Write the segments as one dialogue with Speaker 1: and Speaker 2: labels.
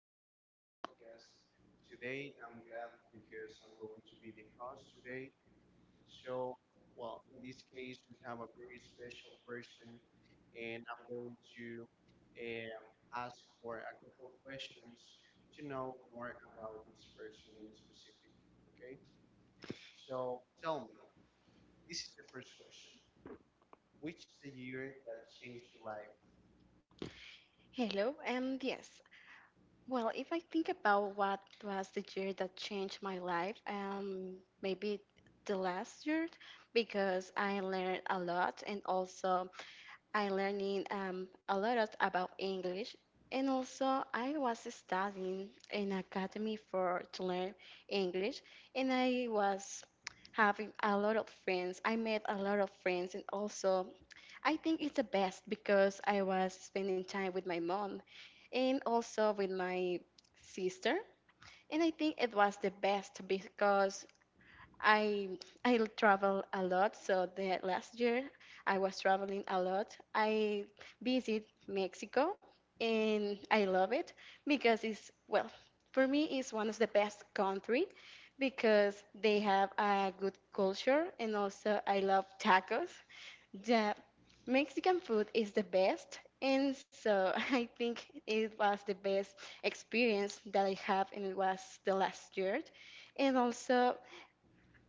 Speaker 1: here in this podcast today. I'm glad because I'm going to be the host today. So, in this case, we have a very special person, and I'm going to uh, ask for a couple of questions to know more about this person in specific. Okay, so tell me, this is the first question. Which is the year that changed your life?
Speaker 2: Hello, yes. Well, if I think about what was the year that changed my life, maybe the last year, because I learned a lot and also I learning a lot of, about English, and also I was studying in academy for to learn English, and I was having a lot of friends. I made a lot of friends, and also I think it's the best because I was spending time with my mom, and also with my sister, and I think it was the best because I I travel a lot. So the last year I was traveling a lot. I visit Mexico and I love it because it's, well, for me it's one of the best country because they have a good culture and also I love tacos. The Mexican food is the best, and so I think it was the best experience that I have, and it was the last year, and also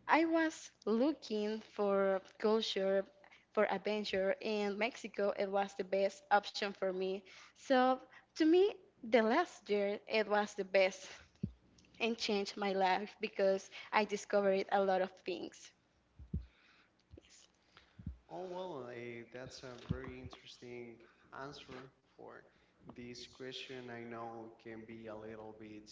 Speaker 2: I was looking for culture, for adventure, and Mexico, it was the best option for me. So to me, the last year it was the best and changed my life because I discovered a lot of things. Yes.
Speaker 1: That's a very interesting answer for this question. I know can be a little bit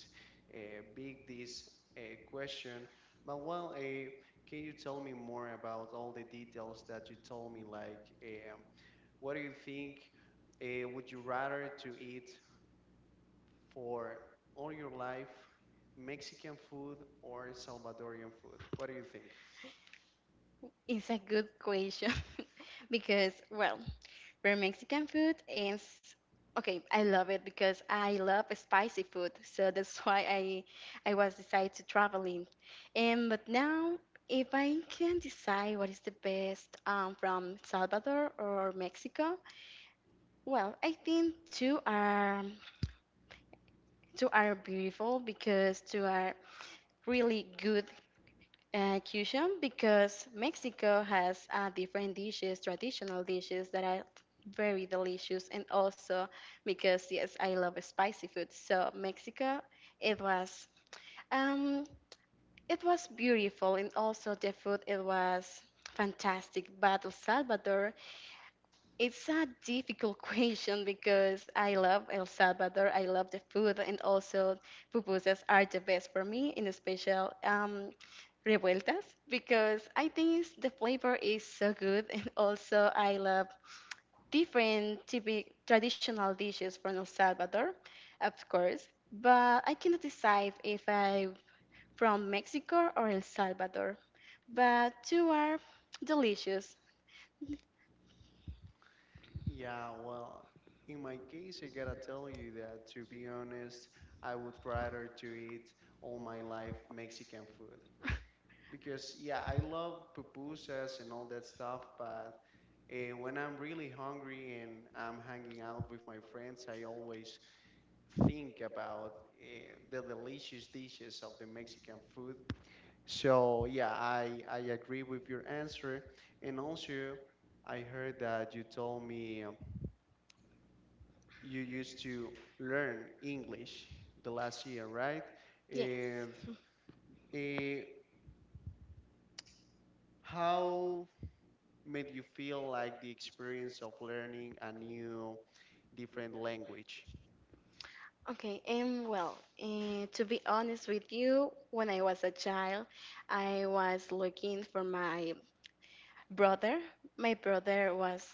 Speaker 1: big, this question, but can you tell me more about all the details that you told me? Like, what do you think? Would you rather to eat for all your life Mexican food or Salvadorian food? What do you think?
Speaker 2: It's a good question because, well, for Mexican food is okay, I love it because I love spicy food, so that's why I was decided to traveling. And but now if I can decide what is the best from Salvador or Mexico, well, I think two are beautiful because two are really good fusion because Mexico has different dishes, traditional dishes that are very delicious, and also because yes, I love spicy food. So Mexico, it was um, it was beautiful, and also the food it was fantastic. But El Salvador, it's a difficult question because I love El Salvador. I love the food, and also pupusas are the best for me, in special revueltas, because I think the flavor is so good. And also, I love different typical traditional dishes from El Salvador, of course, but I cannot decide if I'm from Mexico or El Salvador. But two are delicious.
Speaker 1: Yeah, well, in my case, I gotta tell you that to be honest, I would rather to eat all my life Mexican food because yeah, I love pupusas and all that stuff, but when I'm really hungry and I'm hanging out with my friends, I always think about the delicious dishes of the Mexican food. So yeah, I agree with your answer, and also I heard that you told me. Um, you used to learn English the last year, right?
Speaker 2: Yes.
Speaker 1: And eh, how made you feel like the experience of learning a new different language?
Speaker 2: Okay, to be honest with you, when I was a child, I was looking for my brother. My brother was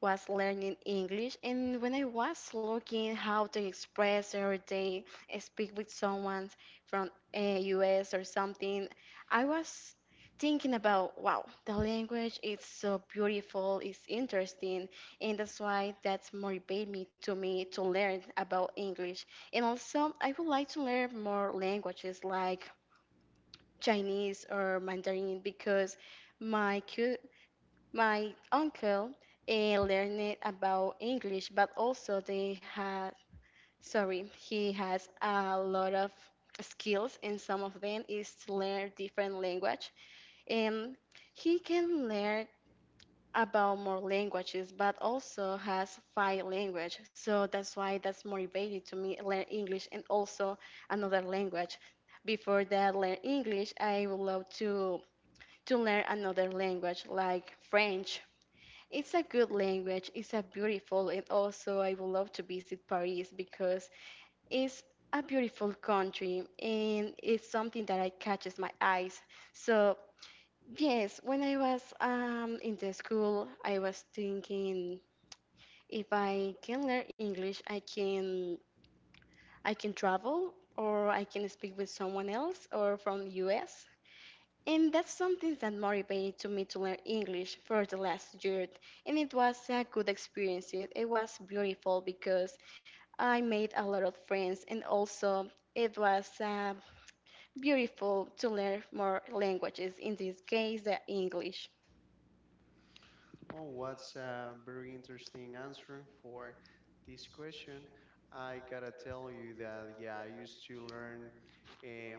Speaker 2: was learning English, and when I was looking how to express or they speak with someone from US or something, I was thinking about, wow, the language is so beautiful, it's interesting, and that's why that's motivated me to learn about English. And also, I would like to learn more languages like Chinese or Mandarin because my cu- my uncle, learned about English, but also they had, sorry, he has a lot of skills, and some of them is to learn different language. And he can learn about more languages, but also has five language. So that's why that's motivated to me learn English and also another language. Before that, learn English, I would love to learn another language like French. It's a good language. It's a beautiful, and also I would love to visit Paris because it's a beautiful country and it's something that I catches my eyes. So yes, when I was in the school, I was thinking if I can learn English, I can travel or I can speak with someone else or from US. And that's something that motivated to me to learn English for the last year. And it was a good experience. It was beautiful because I made a lot of friends and also it was beautiful to learn more languages, in this case, the English.
Speaker 1: Oh, what's a very interesting answer for this question. I gotta tell you that yeah, I used to learn. Eh,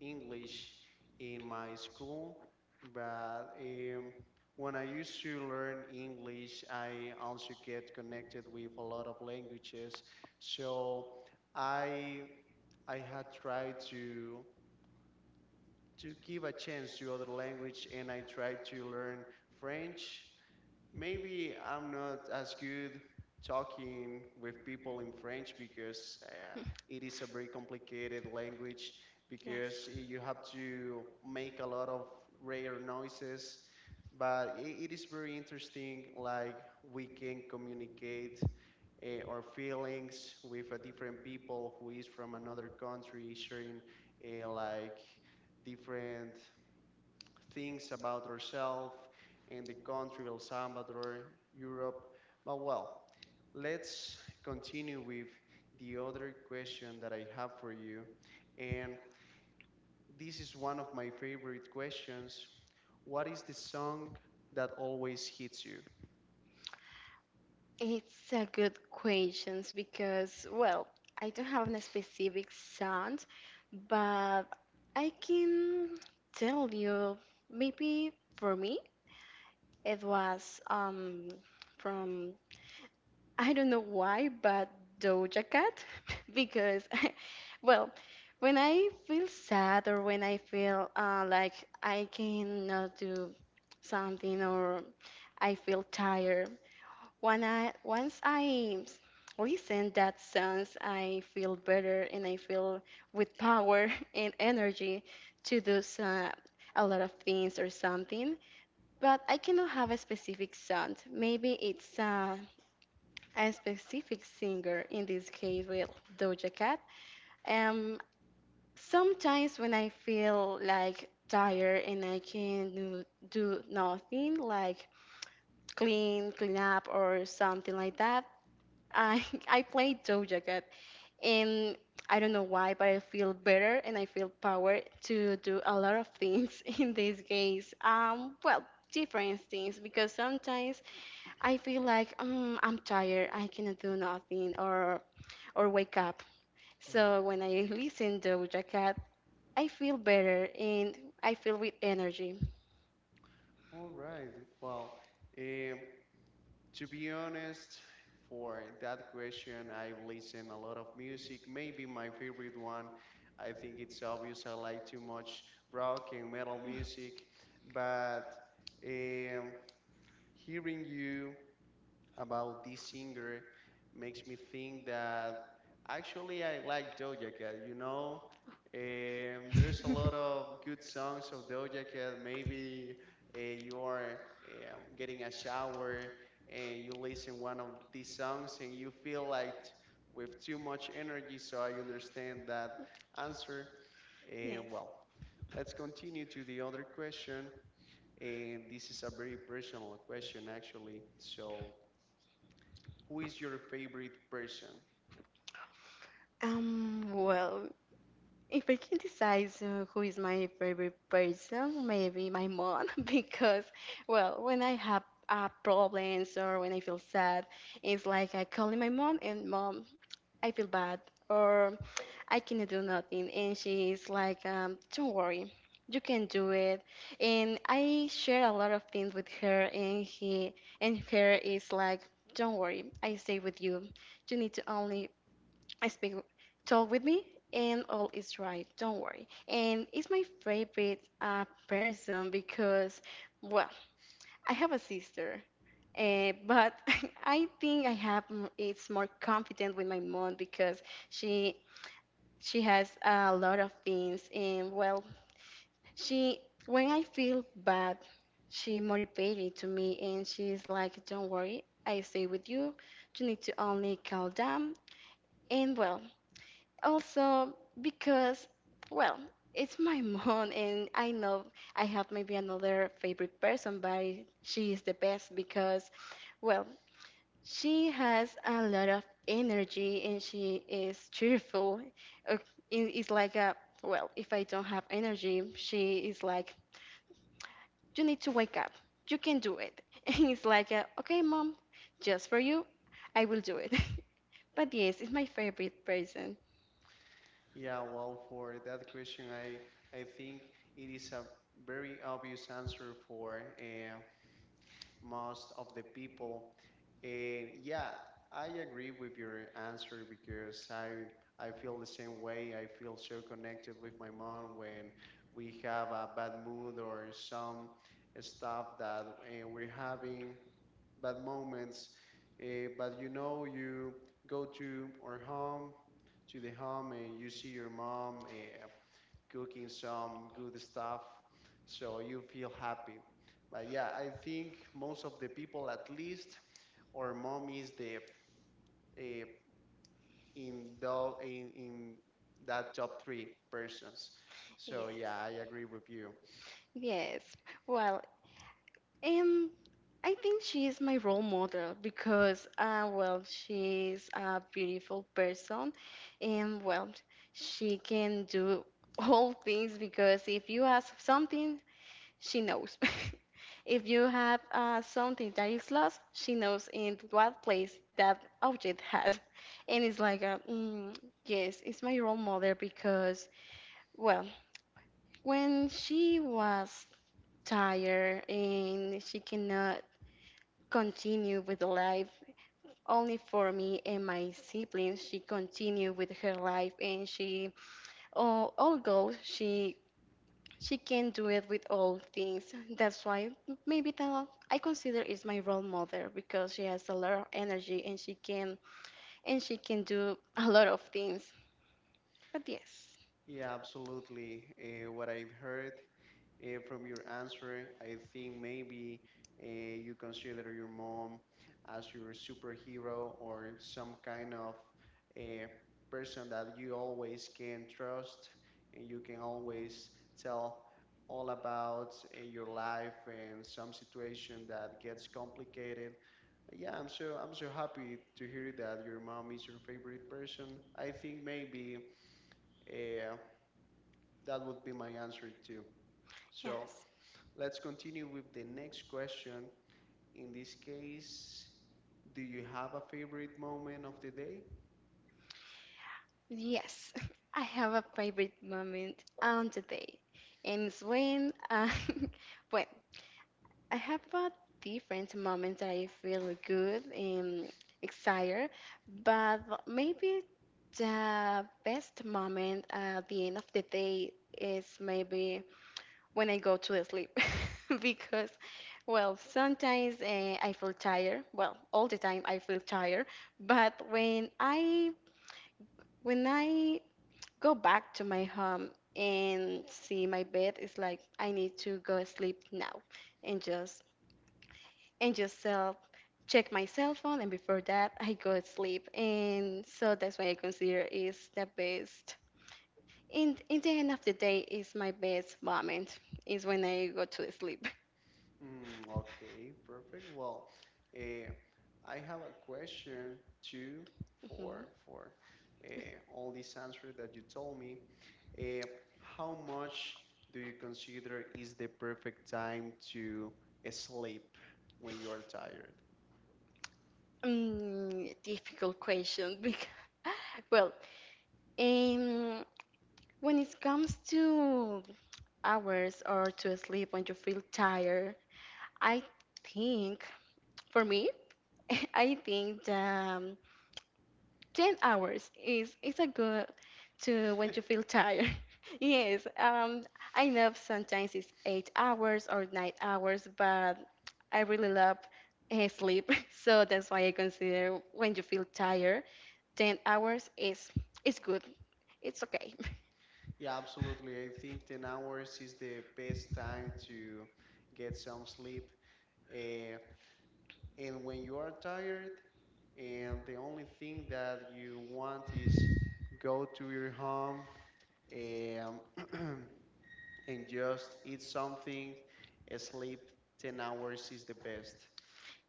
Speaker 1: English in my school, but when I used to learn English, I also get connected with a lot of languages. So I I had tried to give a chance to other language, and I tried to learn French. Maybe I'm not as good talking with people in French because it is a very complicated language
Speaker 2: Yes.
Speaker 1: because you have to make a lot of rare noises. But it is very interesting, like we can communicate our feelings with a different people who is from another country, sharing like different things about ourselves and the country El Salvador, Europe. But well, let's continue with the other question that I have for you. And this is one of my favorite questions. What is the song that always hits you?
Speaker 2: It's a good question because, well, I don't have a specific sound, but I can tell you maybe for me. It was from, I don't know why, but Doja Cat because well, when I feel sad or when I feel like I cannot do something or I feel tired, when I once listen that songs, I feel better and I feel with power and energy to do a lot of things or something. But I cannot have a specific sound. Maybe it's a specific singer, in this case with Doja Cat. Um, Sometimes when I feel like tired and I can do nothing, like clean, clean up or something like that, I, I play Doja Cat. And I don't know why, but I feel better and I feel power to do a lot of things in this case. Well, different things because sometimes I feel like I'm tired. I cannot do nothing or wake up.
Speaker 1: Mhm.
Speaker 2: So when I listen to Doja Cat, I feel better and I feel with energy.
Speaker 1: All right. Well, eh, to be honest, for that question, I've listened a lot of music. Maybe my favorite one, I think it's obvious I like too much rock and metal music, but um, hearing you about this singer makes me think that actually I like Doja Cat. You know, there's a lot of good songs of Doja Cat. Maybe you are getting a shower and you listen one of these songs and you feel like with too much energy. So I understand that answer. And
Speaker 2: Yes.
Speaker 1: well, let's continue to the other question. And this is a very personal question, actually. So who is your favorite person?
Speaker 2: Well, if I can decide so who is my favorite person, maybe my mom, because well, when I have problems or when I feel sad, it's like I call in my mom and mom, I feel bad, or I cannot do nothing. And she's like, don't worry, you can do it. And I share a lot of things with her, and he and her is like, don't worry, I stay with you. You need to only I speak, talk with me, and all is right. Don't worry. And it's my favorite person because, well, I have a sister. But I think I have it's more confident with my mom because she she has a lot of things, and well, she when I feel bad, she motivated to me, and she's like, "Don't worry, I stay with you. You need to only calm down." And well, also because, well, it's my mom, and I know I have maybe another favorite person, but she is the best because, well, she has a lot of energy and she is cheerful. Uh, It's like a, well, if I don't have energy, she is like, you need to wake up. You can do it. And it's like, a, okay, mom, just for you, I will do it. But yes, it's my favorite person.
Speaker 1: Yeah, well, for that question, I think it is a very obvious answer for most of the people. And yeah, I agree with your answer because I feel the same way. I feel so connected with my mom when we have a bad mood or some stuff that we're having. Bad moments. But you know, you go to our home, to the home, and you see your mom cooking some good stuff, so you feel happy. But yeah, I think most of the people, at least, our mom is the uh, in the in that top three persons. So
Speaker 2: Yes.
Speaker 1: yeah, I agree with you.
Speaker 2: Yes. Well, Um, I think she is my role model because, well, she's a beautiful person, and well, she can do all things because if you ask something, she knows. If you have something that is lost, she knows in what place that object has. And it's like, a, mm, yes, it's my role model because, well, when she was tired and she cannot continue with the life only for me and my siblings, she continued with her life, and she all although she can do it with all things. That's why maybe that I consider is my role model, because she has a lot of energy and she can do a lot of things. But yes,
Speaker 1: Yeah, absolutely. What I've heard from your answer, I think maybe uh, you consider your mom as your superhero or some kind of a person that you always can trust and you can always tell all about your life and some situation that gets complicated. Yeah, I'm so happy to hear that your mom is your favorite person. I think maybe uh, that would be my answer too. So
Speaker 2: yes.
Speaker 1: let's continue with the next question. In this case, do you have a favorite moment of the day?
Speaker 2: Yes, I have a favorite moment on the day, and it's when when I have a different moments that I feel good and excited, but maybe the best moment at the end of the day is maybe when I go to sleep because, well, sometimes I feel tired. Well, all the time I feel tired, but when I go back to my home and see my bed, it's like I need to go sleep now, and just and just check my cell phone, and before that I go to sleep, and so that's what I consider is the best, in the end of the day, is my best moment is when I go to sleep.
Speaker 1: Mm, okay, perfect. Well, eh, I have a question too
Speaker 2: Mhm.
Speaker 1: for all these answers that you told me. Eh, how much do you consider is the perfect time to sleep when you are tired?
Speaker 2: Mm, difficult question because, well, um when it comes to hours or to sleep when you feel tired, I think for me I think that 10 hours is a good to when you feel tired. Yes, I know sometimes it's 8 hours or 9 hours, but I really love sleep. So that's why I consider when you feel tired, 10 hours is good, it's okay.
Speaker 1: Yeah, absolutely. I think 10 hours is the best time to get some sleep. Uh, and when you are tired and the only thing that you want is go to your home um, and just eat something, sleep 10 hours is the best.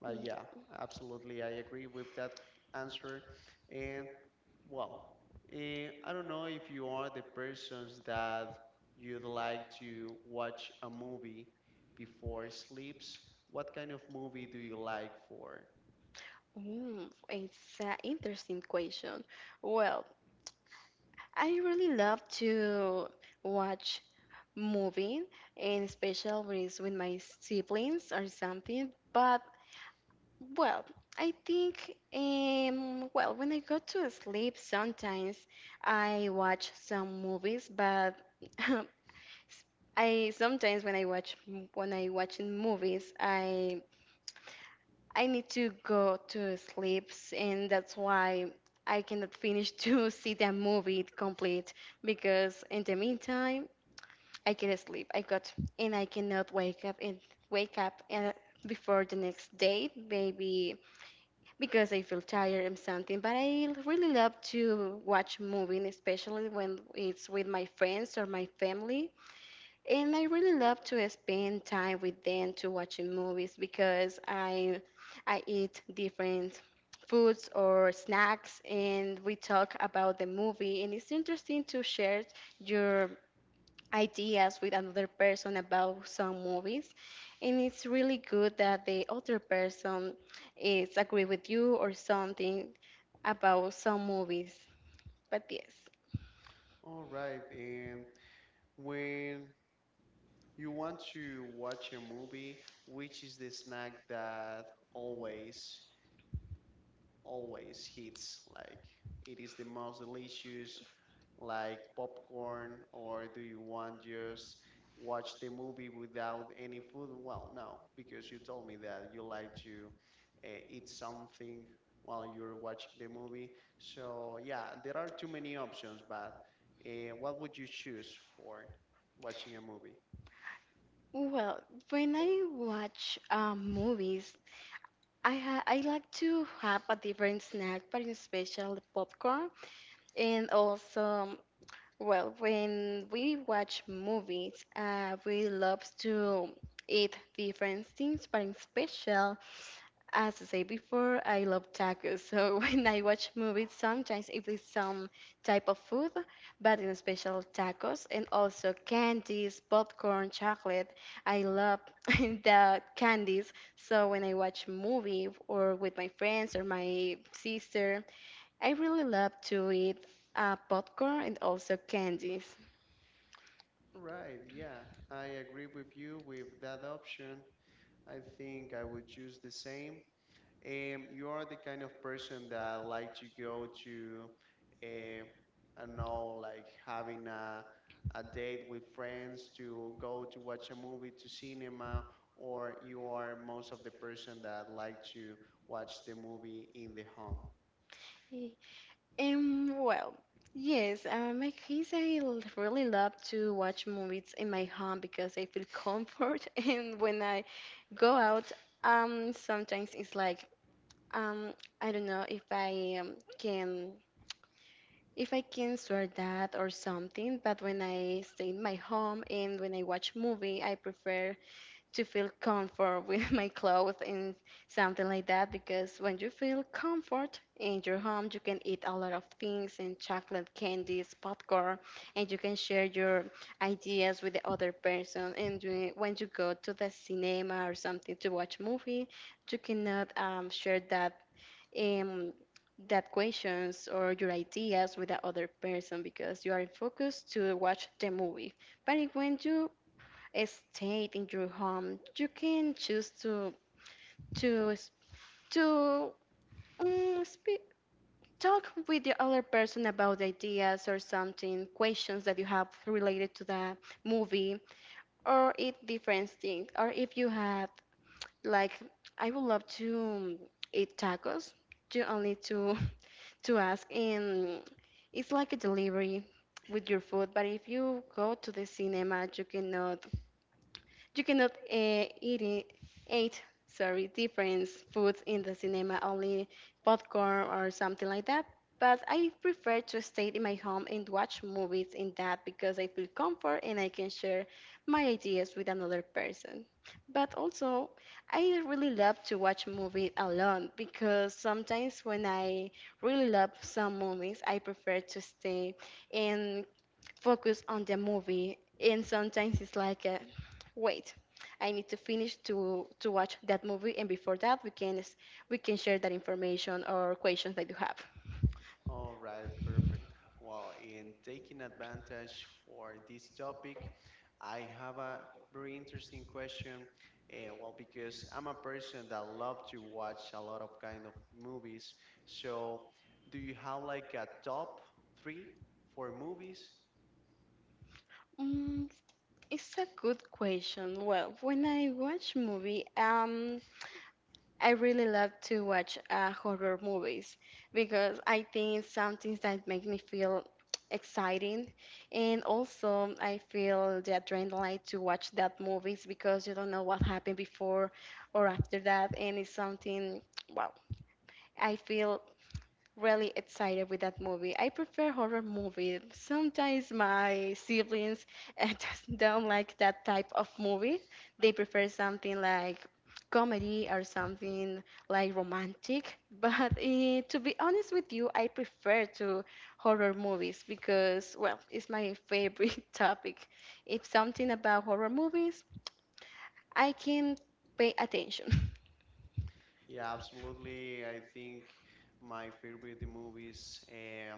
Speaker 1: But yeah,
Speaker 2: Yeah.
Speaker 1: absolutely, I agree with that answer. And well, uh, I don't know if you are the persons that you'd like to watch a movie before sleeps. What kind of movie do you like for?
Speaker 2: Mm, it's an interesting question. Well, I really love to watch moving and special when it's with my siblings or something. But, well, I think well when I go to sleep, sometimes I watch some movies, but I sometimes when I watch when I watch movies I need to go to sleep, and that's why I cannot finish to see the movie complete because in the meantime. I can't sleep. I got, and I cannot wake up and before the next day, maybe because I feel tired and something. But I really love to watch movie, especially when it's with my friends or my family. And I really love to spend time with them to watching movies because I eat different foods or snacks, and we talk about the movie, and it's interesting to share your ideas with another person about some movies. And it's really good that the other person is agree with you or something about some movies. But yes,
Speaker 1: All right, and when you want to watch a movie, which is the snack that always, always hits? Like it is the most delicious, like popcorn, or do you want just watch the movie without any food? Well, no, because you told me that you like to eat something while you're watching the movie. So yeah, there are too many options, but what would you choose for watching a movie?
Speaker 2: well, when I watch movies, I like to have a different snack, but especially popcorn. And also well, when we watch movies, we love to eat different things, but in special, as I said before, I love tacos. So when I watch movies, sometimes it is some type of food, but in special tacos and also candies, popcorn, chocolate. I love the candies. So when I watch movie or with my friends or my sister, I really love to eat popcorn and also candies.
Speaker 1: Right, yeah, I agree with you with that option. I think I would choose the same. You are the kind of person that like to go to eh, I don't know, like having a date with friends to go to watch a movie to cinema, or you are most of the person that like to watch the movie in the home.
Speaker 2: Well, yes, my kids, I really love to watch movies in my home because I feel comfort. And when I go out, sometimes it's like, um, I don't know if I can. If I can swear that or something. But when I stay in my home and when I watch movie, I prefer to feel comfort with my clothes and something like that, because when you feel comfort in your home, you can eat a lot of things and chocolate, candies, popcorn, and you can share your ideas with the other person. And you- when you go to the cinema or something to watch movie, you cannot share that um, that questions or your ideas with the other person because you are focused to watch the movie. But when you stayed in your home, you can choose to s- to speak, talk with the other person about ideas or something, questions that you have related to the movie, or eat different things. Or if you have like, I would love to eat tacos. You only to to ask, and it's like a delivery with your food. But if you go to the cinema, you cannot, you cannot eat it, eat, sorry, different foods in the cinema, only popcorn or something like that. But I prefer to stay in my home and watch movies in that because I feel comfort and I can share my ideas with another person. But also, I really love to watch movies alone, because sometimes when I really love some movies, I prefer to stay and focus on the movie. And sometimes it's like a, wait, I need to finish to watch that movie, and before that, we can we can share that information or questions that you have.
Speaker 1: All right, perfect. Well, in taking advantage for this topic, I have a very interesting question. Well, because I'm a person that love to watch a lot of kind of movies. So, do you have like a top three for movies?
Speaker 2: Mm, it's a good question. Well, when I watch movie, I really love to watch horror movies, because I think it's something that make me feel exciting, and also I feel the adrenaline to watch that movies, because you don't know what happened before or after that, and it's something wow. I feel really excited with that movie. I prefer horror movies. Sometimes my siblings just don't like that type of movie. They prefer something like comedy or something like romantic. But to be honest with you, I prefer to horror movies, because, well, it's my favorite topic. If something about horror movies, I can pay attention.
Speaker 1: Yeah, absolutely. I think my favorite movies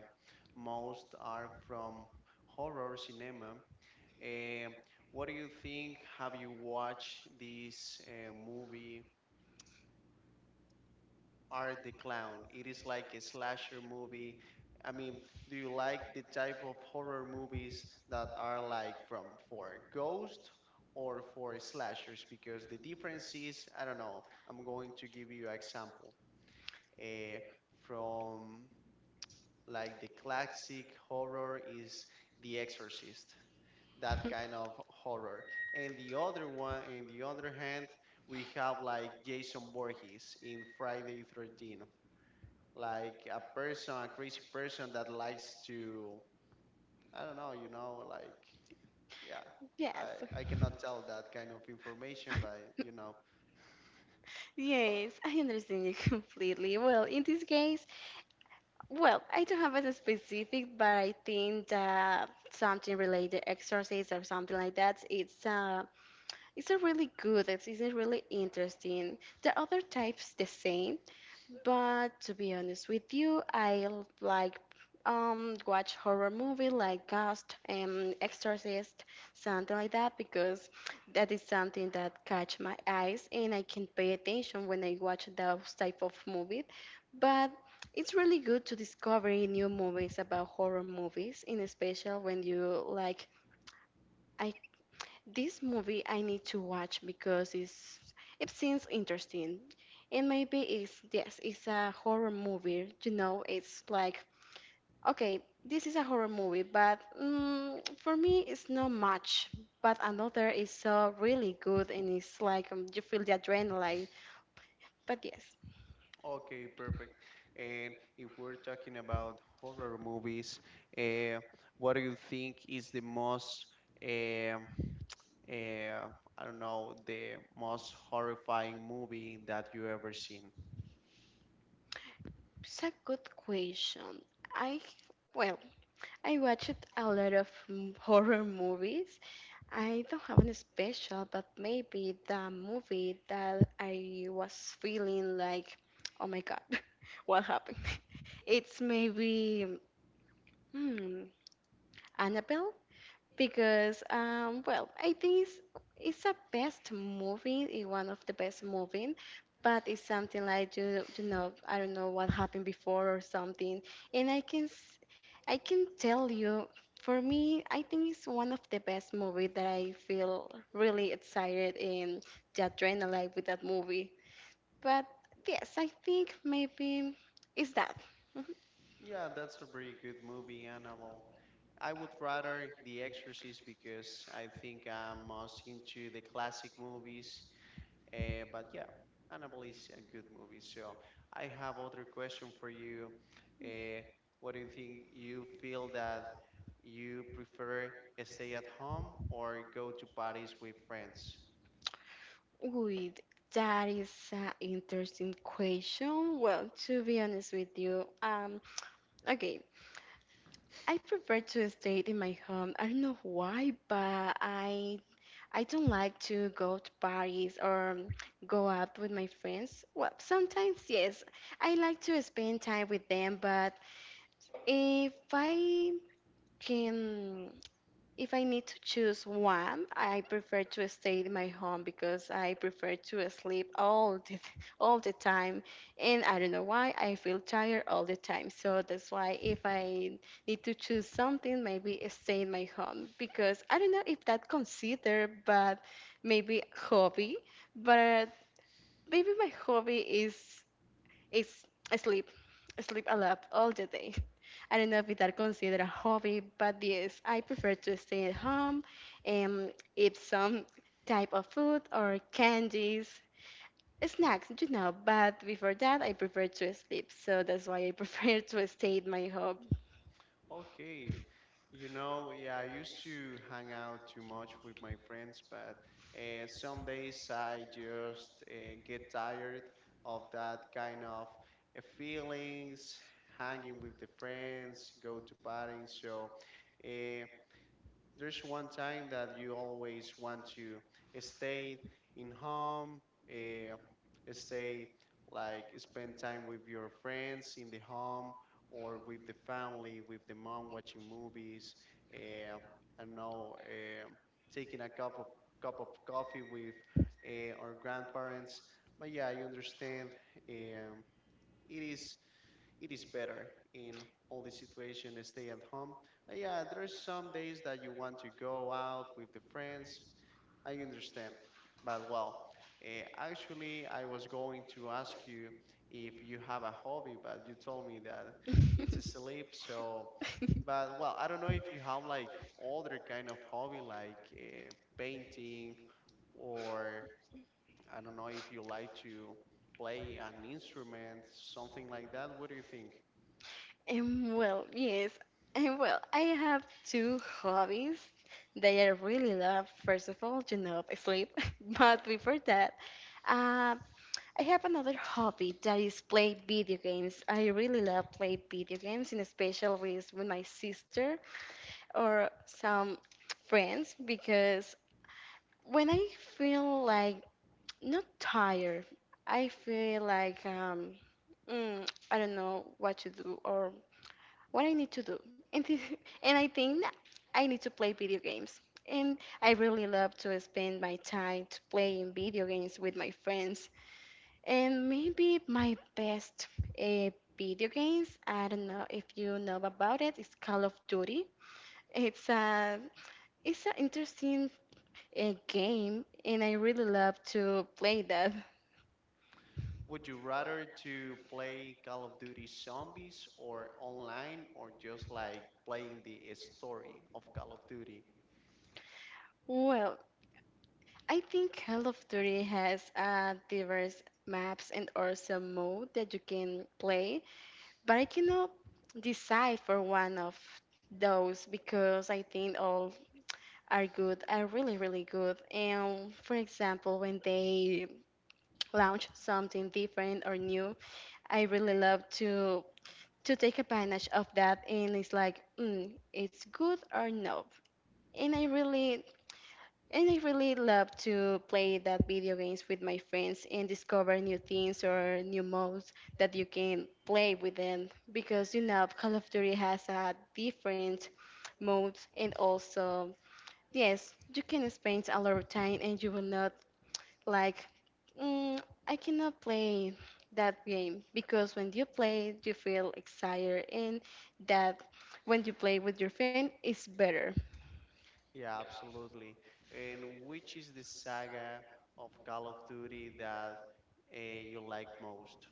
Speaker 1: most are from horror cinema. Um, what do you think? Have you watched this movie, Art the Clown? It is like a slasher movie. I mean, do you like the type of horror movies that are like from for ghost or for slashers? Because the difference is, I don't know. I'm going to give you an example. Uh, from like the classic horror is The Exorcist. That kind of horror. And the other one, on the other hand, we have like Jason Voorhees in Friday 13th, like a person, a crazy person that likes to, I don't know, you know, like, yeah.
Speaker 2: Yes.
Speaker 1: I cannot tell that kind of information, but you know.
Speaker 2: Yes, I understand you completely. Well, in this case, well, I don't have a specific, but I think that something related exercise or something like that, it's a really good, it's a really interesting. The other types the same. But to be honest with you, I like watch horror movie like Ghost and Exorcist, something like that, because that is something that catch my eyes, and I can pay attention when I watch those type of movies. But it's really good to discover new movies about horror movies, in especial when you like. I. This movie I need to watch because it's, it seems interesting. And maybe it's yes, it's a horror movie. You know, it's like okay, this is a horror movie, but mm, for me it's not much. But another is so really good, and it's like you feel the adrenaline. But yes,
Speaker 1: Okay, perfect. And if we're talking about horror movies, uh, what do you think is the most um uh, I don't know, the most horrifying movie that you ever seen.
Speaker 2: it's a good question. I well, I watched a lot of horror movies. I don't have any special, but maybe the movie that I was feeling like, oh my god, what happened? It's maybe hmm, Annabelle, because well, I think it's a best movie, it's one of the best movie, but it's something like you know, I don't know what happened before or something. And I can I can tell you, for me I think it's one of the best movie that I feel really excited in the adrenaline with that movie. But yes, I think maybe it's that. Mm-hmm.
Speaker 1: Yeah, that's a pretty good movie, Annabelle. I would rather The Exorcist because I think I'm most into the classic movies. But yeah, Annabelle is a good movie. So I have other question for you. Uh, what do you think? You feel that you prefer a stay at home or go to parties with friends?
Speaker 2: Wait, that is an interesting question. Well, to be honest with you, okay, I prefer to stay in my home. I don't know why, but I don't like to go to parties or go out with my friends. Well, sometimes yes, I like to spend time with them. But if I can, if I need to choose one, I prefer to stay in my home, because I prefer to sleep all the all the time, and I don't know why I feel tired all the time. So that's why if I need to choose something, maybe stay in my home, because I don't know if that considered, but maybe hobby, but maybe my hobby is it's I sleep. I sleep a lot all the day. I don't know if that considered a hobby, but yes, I prefer to stay at home and eat some type of food or candies, snacks, you know. But before that, I prefer to sleep, so that's why I prefer to stay at my home.
Speaker 1: Okay. You know, yeah, I used to hang out too much with my friends, but some days I just get tired of that kind of feelings, hanging with the friends, go to parties. So, uh, there's one time that you always want to stay in home, uh, stay like spend time with your friends in the home or with the family, with the mom watching movies. Uh, I don't know, taking a cup of coffee with our grandparents. But yeah, I understand. Um, it is it is better in all the situation to stay at home. But yeah, there's some days that you want to go out with the friends. I understand, but well, actually, I was going to ask you if you have a hobby, but you told me that it's sleep. So, but well, I don't know if you have like other kind of hobby like painting or I don't know if you like to play an instrument, something like that. What do you think?
Speaker 2: Well, yes. And well, I have two hobbies that I really love. First of all, you know, sleep. But before that, uh, I have another hobby that is play video games. I really love play video games, in especial with my sister or some friends, because when I feel like not tired, I feel like I don't know what to do or what I need to do. And, this, and I think that I need to play video games. And I really love to spend my time to playing video games with my friends. And maybe my best uh, video games, I don't know if you know about it, it's Call of Duty. It's a, it's an interesting game, and I really love to play that.
Speaker 1: Would you rather to play Call of Duty Zombies or online or just like playing the story of Call of Duty?
Speaker 2: Well, I think Call of Duty has diverse maps and also mode that you can play. But I cannot decide for one of those because I think all are good, are really, really good. And for example, when they launch something different or new, I really love to take advantage of that, and it's like mm, it's good or no. And i really and I really love to play that video games with my friends and discover new things or new modes that you can play with them, because you know Call of Duty has a different modes. And also yes, you can spend a lot of time and you will not like mm, I cannot play that game, because when you play you feel excited, and that when you play with your friend it's better.
Speaker 1: Yeah, absolutely. And which is the saga of Call of Duty that you like most?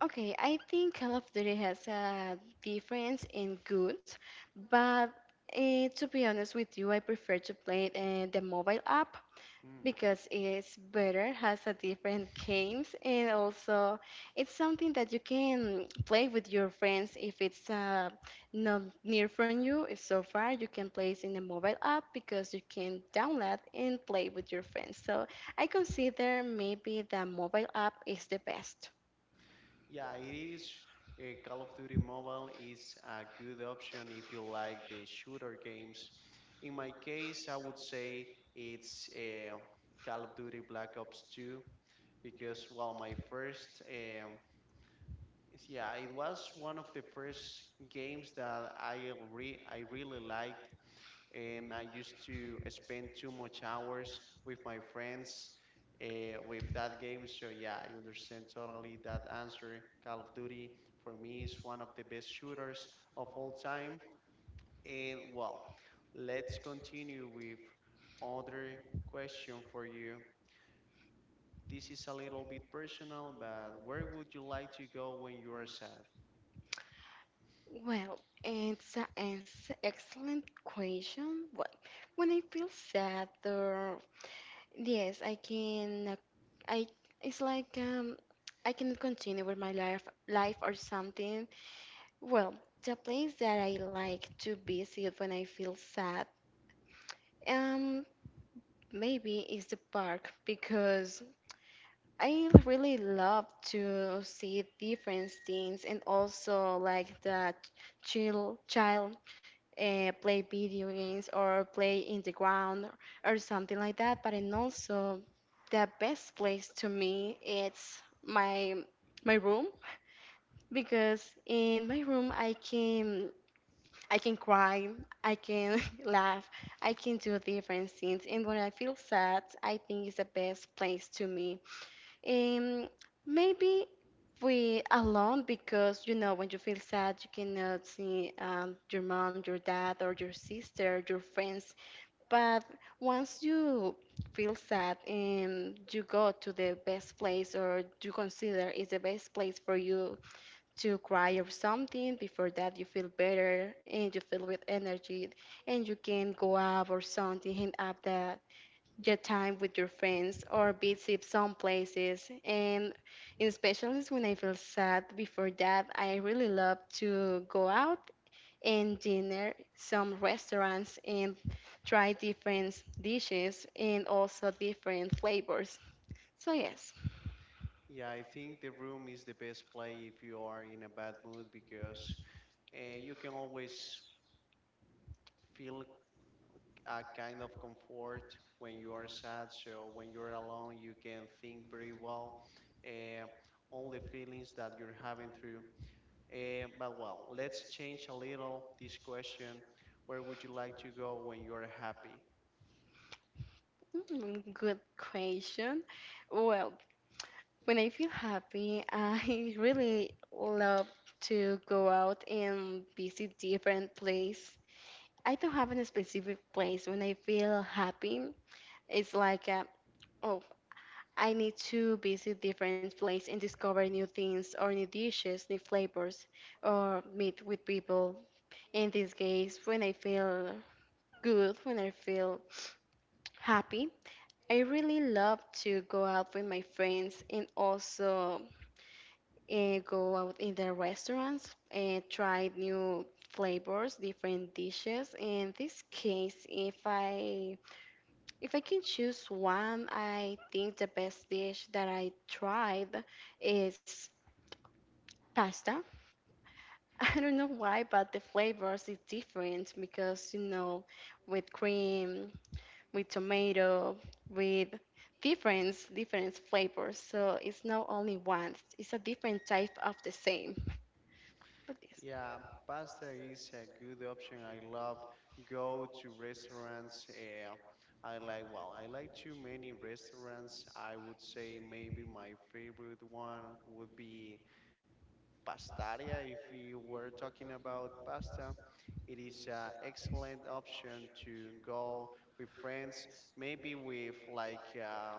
Speaker 2: Okay, I think Call of Duty has a difference in goods, but eh, to be honest with you, I prefer to play it in the mobile app,
Speaker 1: Hmm.
Speaker 2: because it's better, has a different games, and also it's something that you can play with your friends if it's not near from you. If so far, you can play it in the mobile app, because you can download and play with your friends. So I consider maybe the mobile app is the best.
Speaker 1: Yeah, it is. Call of Duty Mobile is a good option if you like the shooter games. In my case, I would say it's Call of Duty Black Ops 2 because, yeah, it was one of the first games that I really liked and I used to spend too much hours with my friends with that game. So yeah, I understand totally that answer. Call of Duty for me is one of the best shooters of all time. And well, let's continue with other question for you. This is a little bit personal, but where would you like to go when you are sad?
Speaker 2: Well, it's an excellent question. Well, when I feel sad, or yes, I can. I it's like I can continue with my life, life or something. Well, the place that I like to visit when I feel sad, um, maybe is the park, because I really love to see different things, and also like that chill child play video games or play in the ground or something like that. But and also, the best place to me, it's my my room, because in my room I can, I can cry, I can laugh, I can do different things. And when I feel sad, I think it's the best place to me um, maybe we alone, because you know when you feel sad you cannot see your mom, your dad, or your sister, your friends. But once you feel sad and you go to the best place or you consider is the best place for you to cry or something. Before that you feel better and you feel with energy and you can go out or something, hang up the your time with your friends or visit some places. And especially when I feel sad before that, I really love to go out and dinner some restaurants and try different dishes and also different flavors. So yes,
Speaker 1: Yeah, I think the room is the best play if you are in a bad mood because you can always feel a kind of comfort when you are sad. So when you're alone, you can think very well uh, all the feelings that you're having through. But well, let's change a little this question. Where would you like to go when you're happy?
Speaker 2: good question. Well, when I feel happy, I really love to go out and visit different places. I don't have a specific place when I feel happy. It's like, oh, I need to visit different places and discover new things or new dishes, new flavors, or meet with people. In this case, when I feel good, when I feel happy, I really love to go out with my friends and also go out in the restaurants and try new flavors, different dishes. In this case, if I can choose one, I think the best dish that I tried is pasta. I don't know why, but the flavors is different because you know, with cream, with tomato, with different flavors. So it's not only one; it's a different type of the same. But yes,
Speaker 1: Yeah, pasta is a good option. I love go to restaurants. I like well, I like too many restaurants. I would say maybe my favorite one would be pastaria, if we were talking about pasta, it is an excellent option to go with friends, maybe with like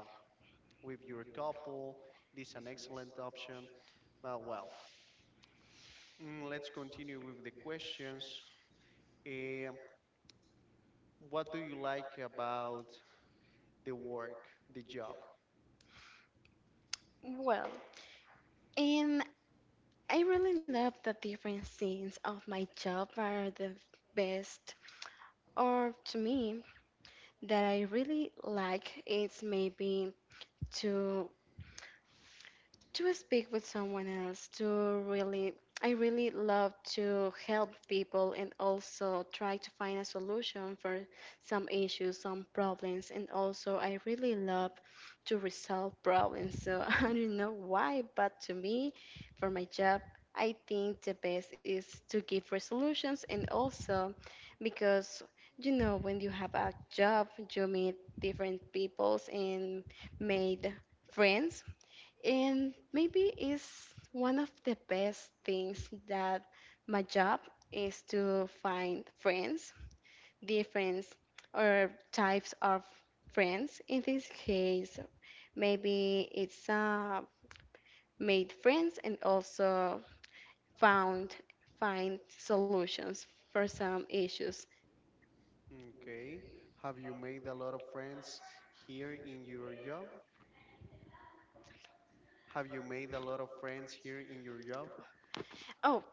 Speaker 1: with your couple. It is an excellent option. Well, let's continue with the questions. Eh, what do you like about the work, the job?
Speaker 2: well, and I really love the different scenes of my job are the best, or to me that I really like is maybe to to speak with someone else. To really I really love to help people and also try to find a solution for some issues, some problems, and also I really love to resolve problems. So I don't know why, but to me, for my job, I think the best is to give resolutions. And also because you know, when you have a job, you meet different peoples and made friends, and maybe it's one of the best things that my job is to find friends, different or types of friends. In this case, maybe it's made friends and also found find solutions for some issues.
Speaker 1: Okay. Have you made a lot of friends here in your job? Have you made a lot of friends here in your job?
Speaker 2: Oh,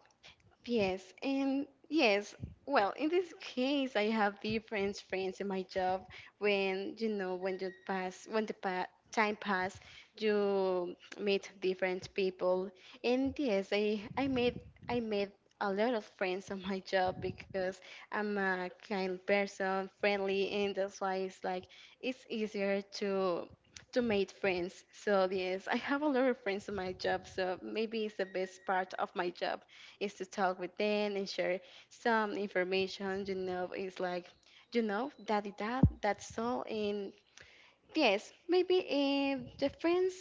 Speaker 2: yes, and yes. Well, in this case, I have different friends in my job. When you know, when you pass, when the time pass, you meet different people. And yes, I made I made a lot of friends on my job because I'm a kind person, friendly, and that's why it's like it's easier to make friends. So yes, I have a lot of friends on my job. So maybe it's the best part of my job is to talk with them and share some information. You know, it's like, you know, daddy, that's all. And yes, maybe the friends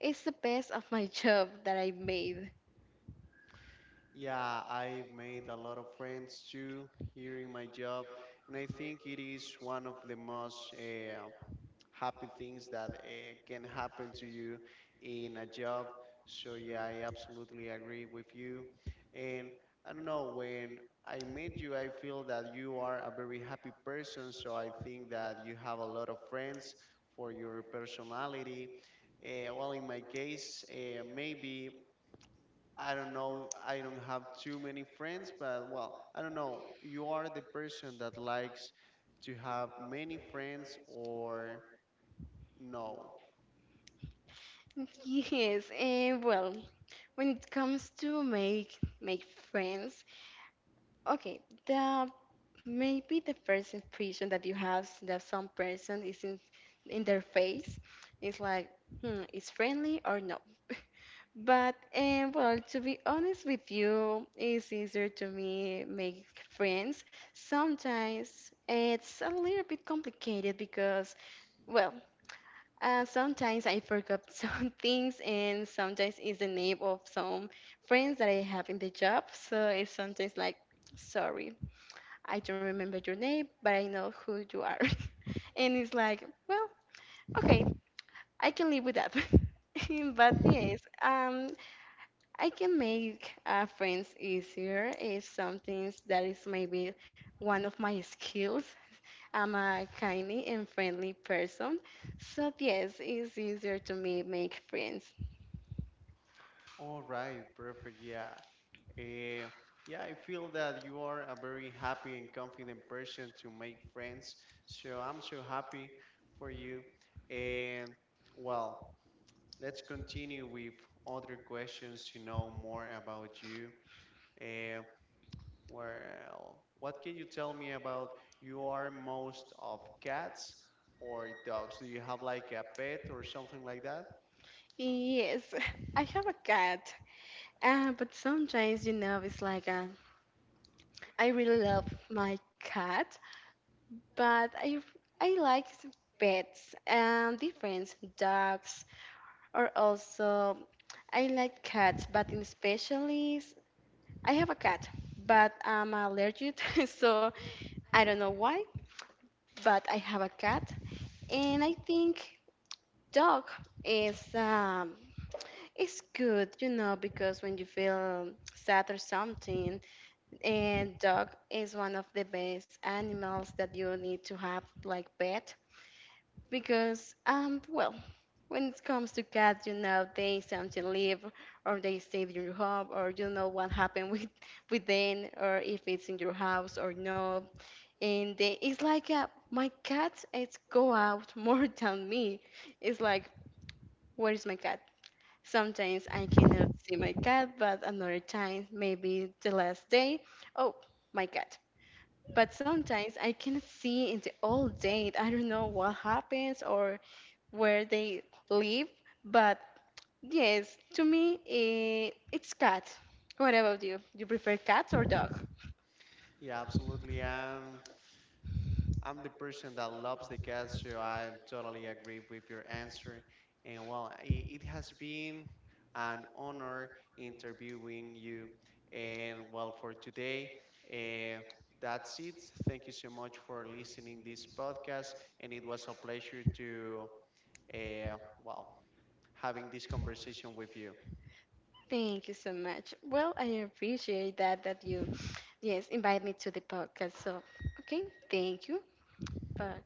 Speaker 2: is the best of my job that I made.
Speaker 1: Yeah, I've made a lot of friends too here in my job, and I think it is one of the most happy things that can happen to you in a job. So, yeah, I absolutely agree with you. And I don't know, when I met you, I feel that you are a very happy person, so I think that you have a lot of friends for your personality. Well, in my case, maybe. I don't know. I don't have too many friends, but well, I don't know. You are the person that likes to have many friends or no.
Speaker 2: Yes, and well, when it comes to make friends, okay, the maybe the first impression that you have that some person is in their face is like, hmm, is friendly or no? But well, to be honest with you, it's easier to me make friends. Sometimes it's a little bit complicated because, well, sometimes I forgot some things, and sometimes it's the name of some friends that I have in the job. So it's sometimes like, sorry, I don't remember your name, but I know who you are. And it's like, well, okay, I can live with that. But yes, I can make friends easier is something that is maybe one of my skills. I'm a kindly and friendly person, so yes, it's easier to me make friends.
Speaker 1: All right, perfect. Yeah. Eh, yeah, I feel that you are a very happy and confident person to make friends. So I'm so happy for you. And well, let's continue with other questions to know more about you. Eh, Well, what can you tell me about you are most of cats or dogs? Do you have like a pet or something like that?
Speaker 2: Yes, I have a cat, but sometimes you know it's like I really love my cat, but I like pets and different dogs, or also I like cats, but especially I have a cat, but I'm allergic. So I don't know why, but I have a cat. And I think dog is it's good, you know, because when you feel sad or something, and dog is one of the best animals that you need to have like pet. Because well, when it comes to cats, you know they sometimes live or they stay in your home, or you know what happened with with them, or if it's in your house or no. And they, it's like my cat it's go out more than me. It's like, where is my cat? Sometimes I cannot see my cat, but another time, maybe the last day, oh, my cat. But sometimes I cannot see in the old date. I don't know what happens or where they live. But yes, to me, it's cat. What about you? You prefer cats or dog?
Speaker 1: Yeah, absolutely. I'm the person that loves the cats, so I totally agree with your answer. And well, it has been an honor interviewing you. And well, for today, uh, that's it. Thank you so much for listening this podcast, and it was a pleasure to uh, well having this conversation with you.
Speaker 2: Thank you so much. Well, I appreciate that that you yes invite me to the podcast. So okay, thank you. Bye.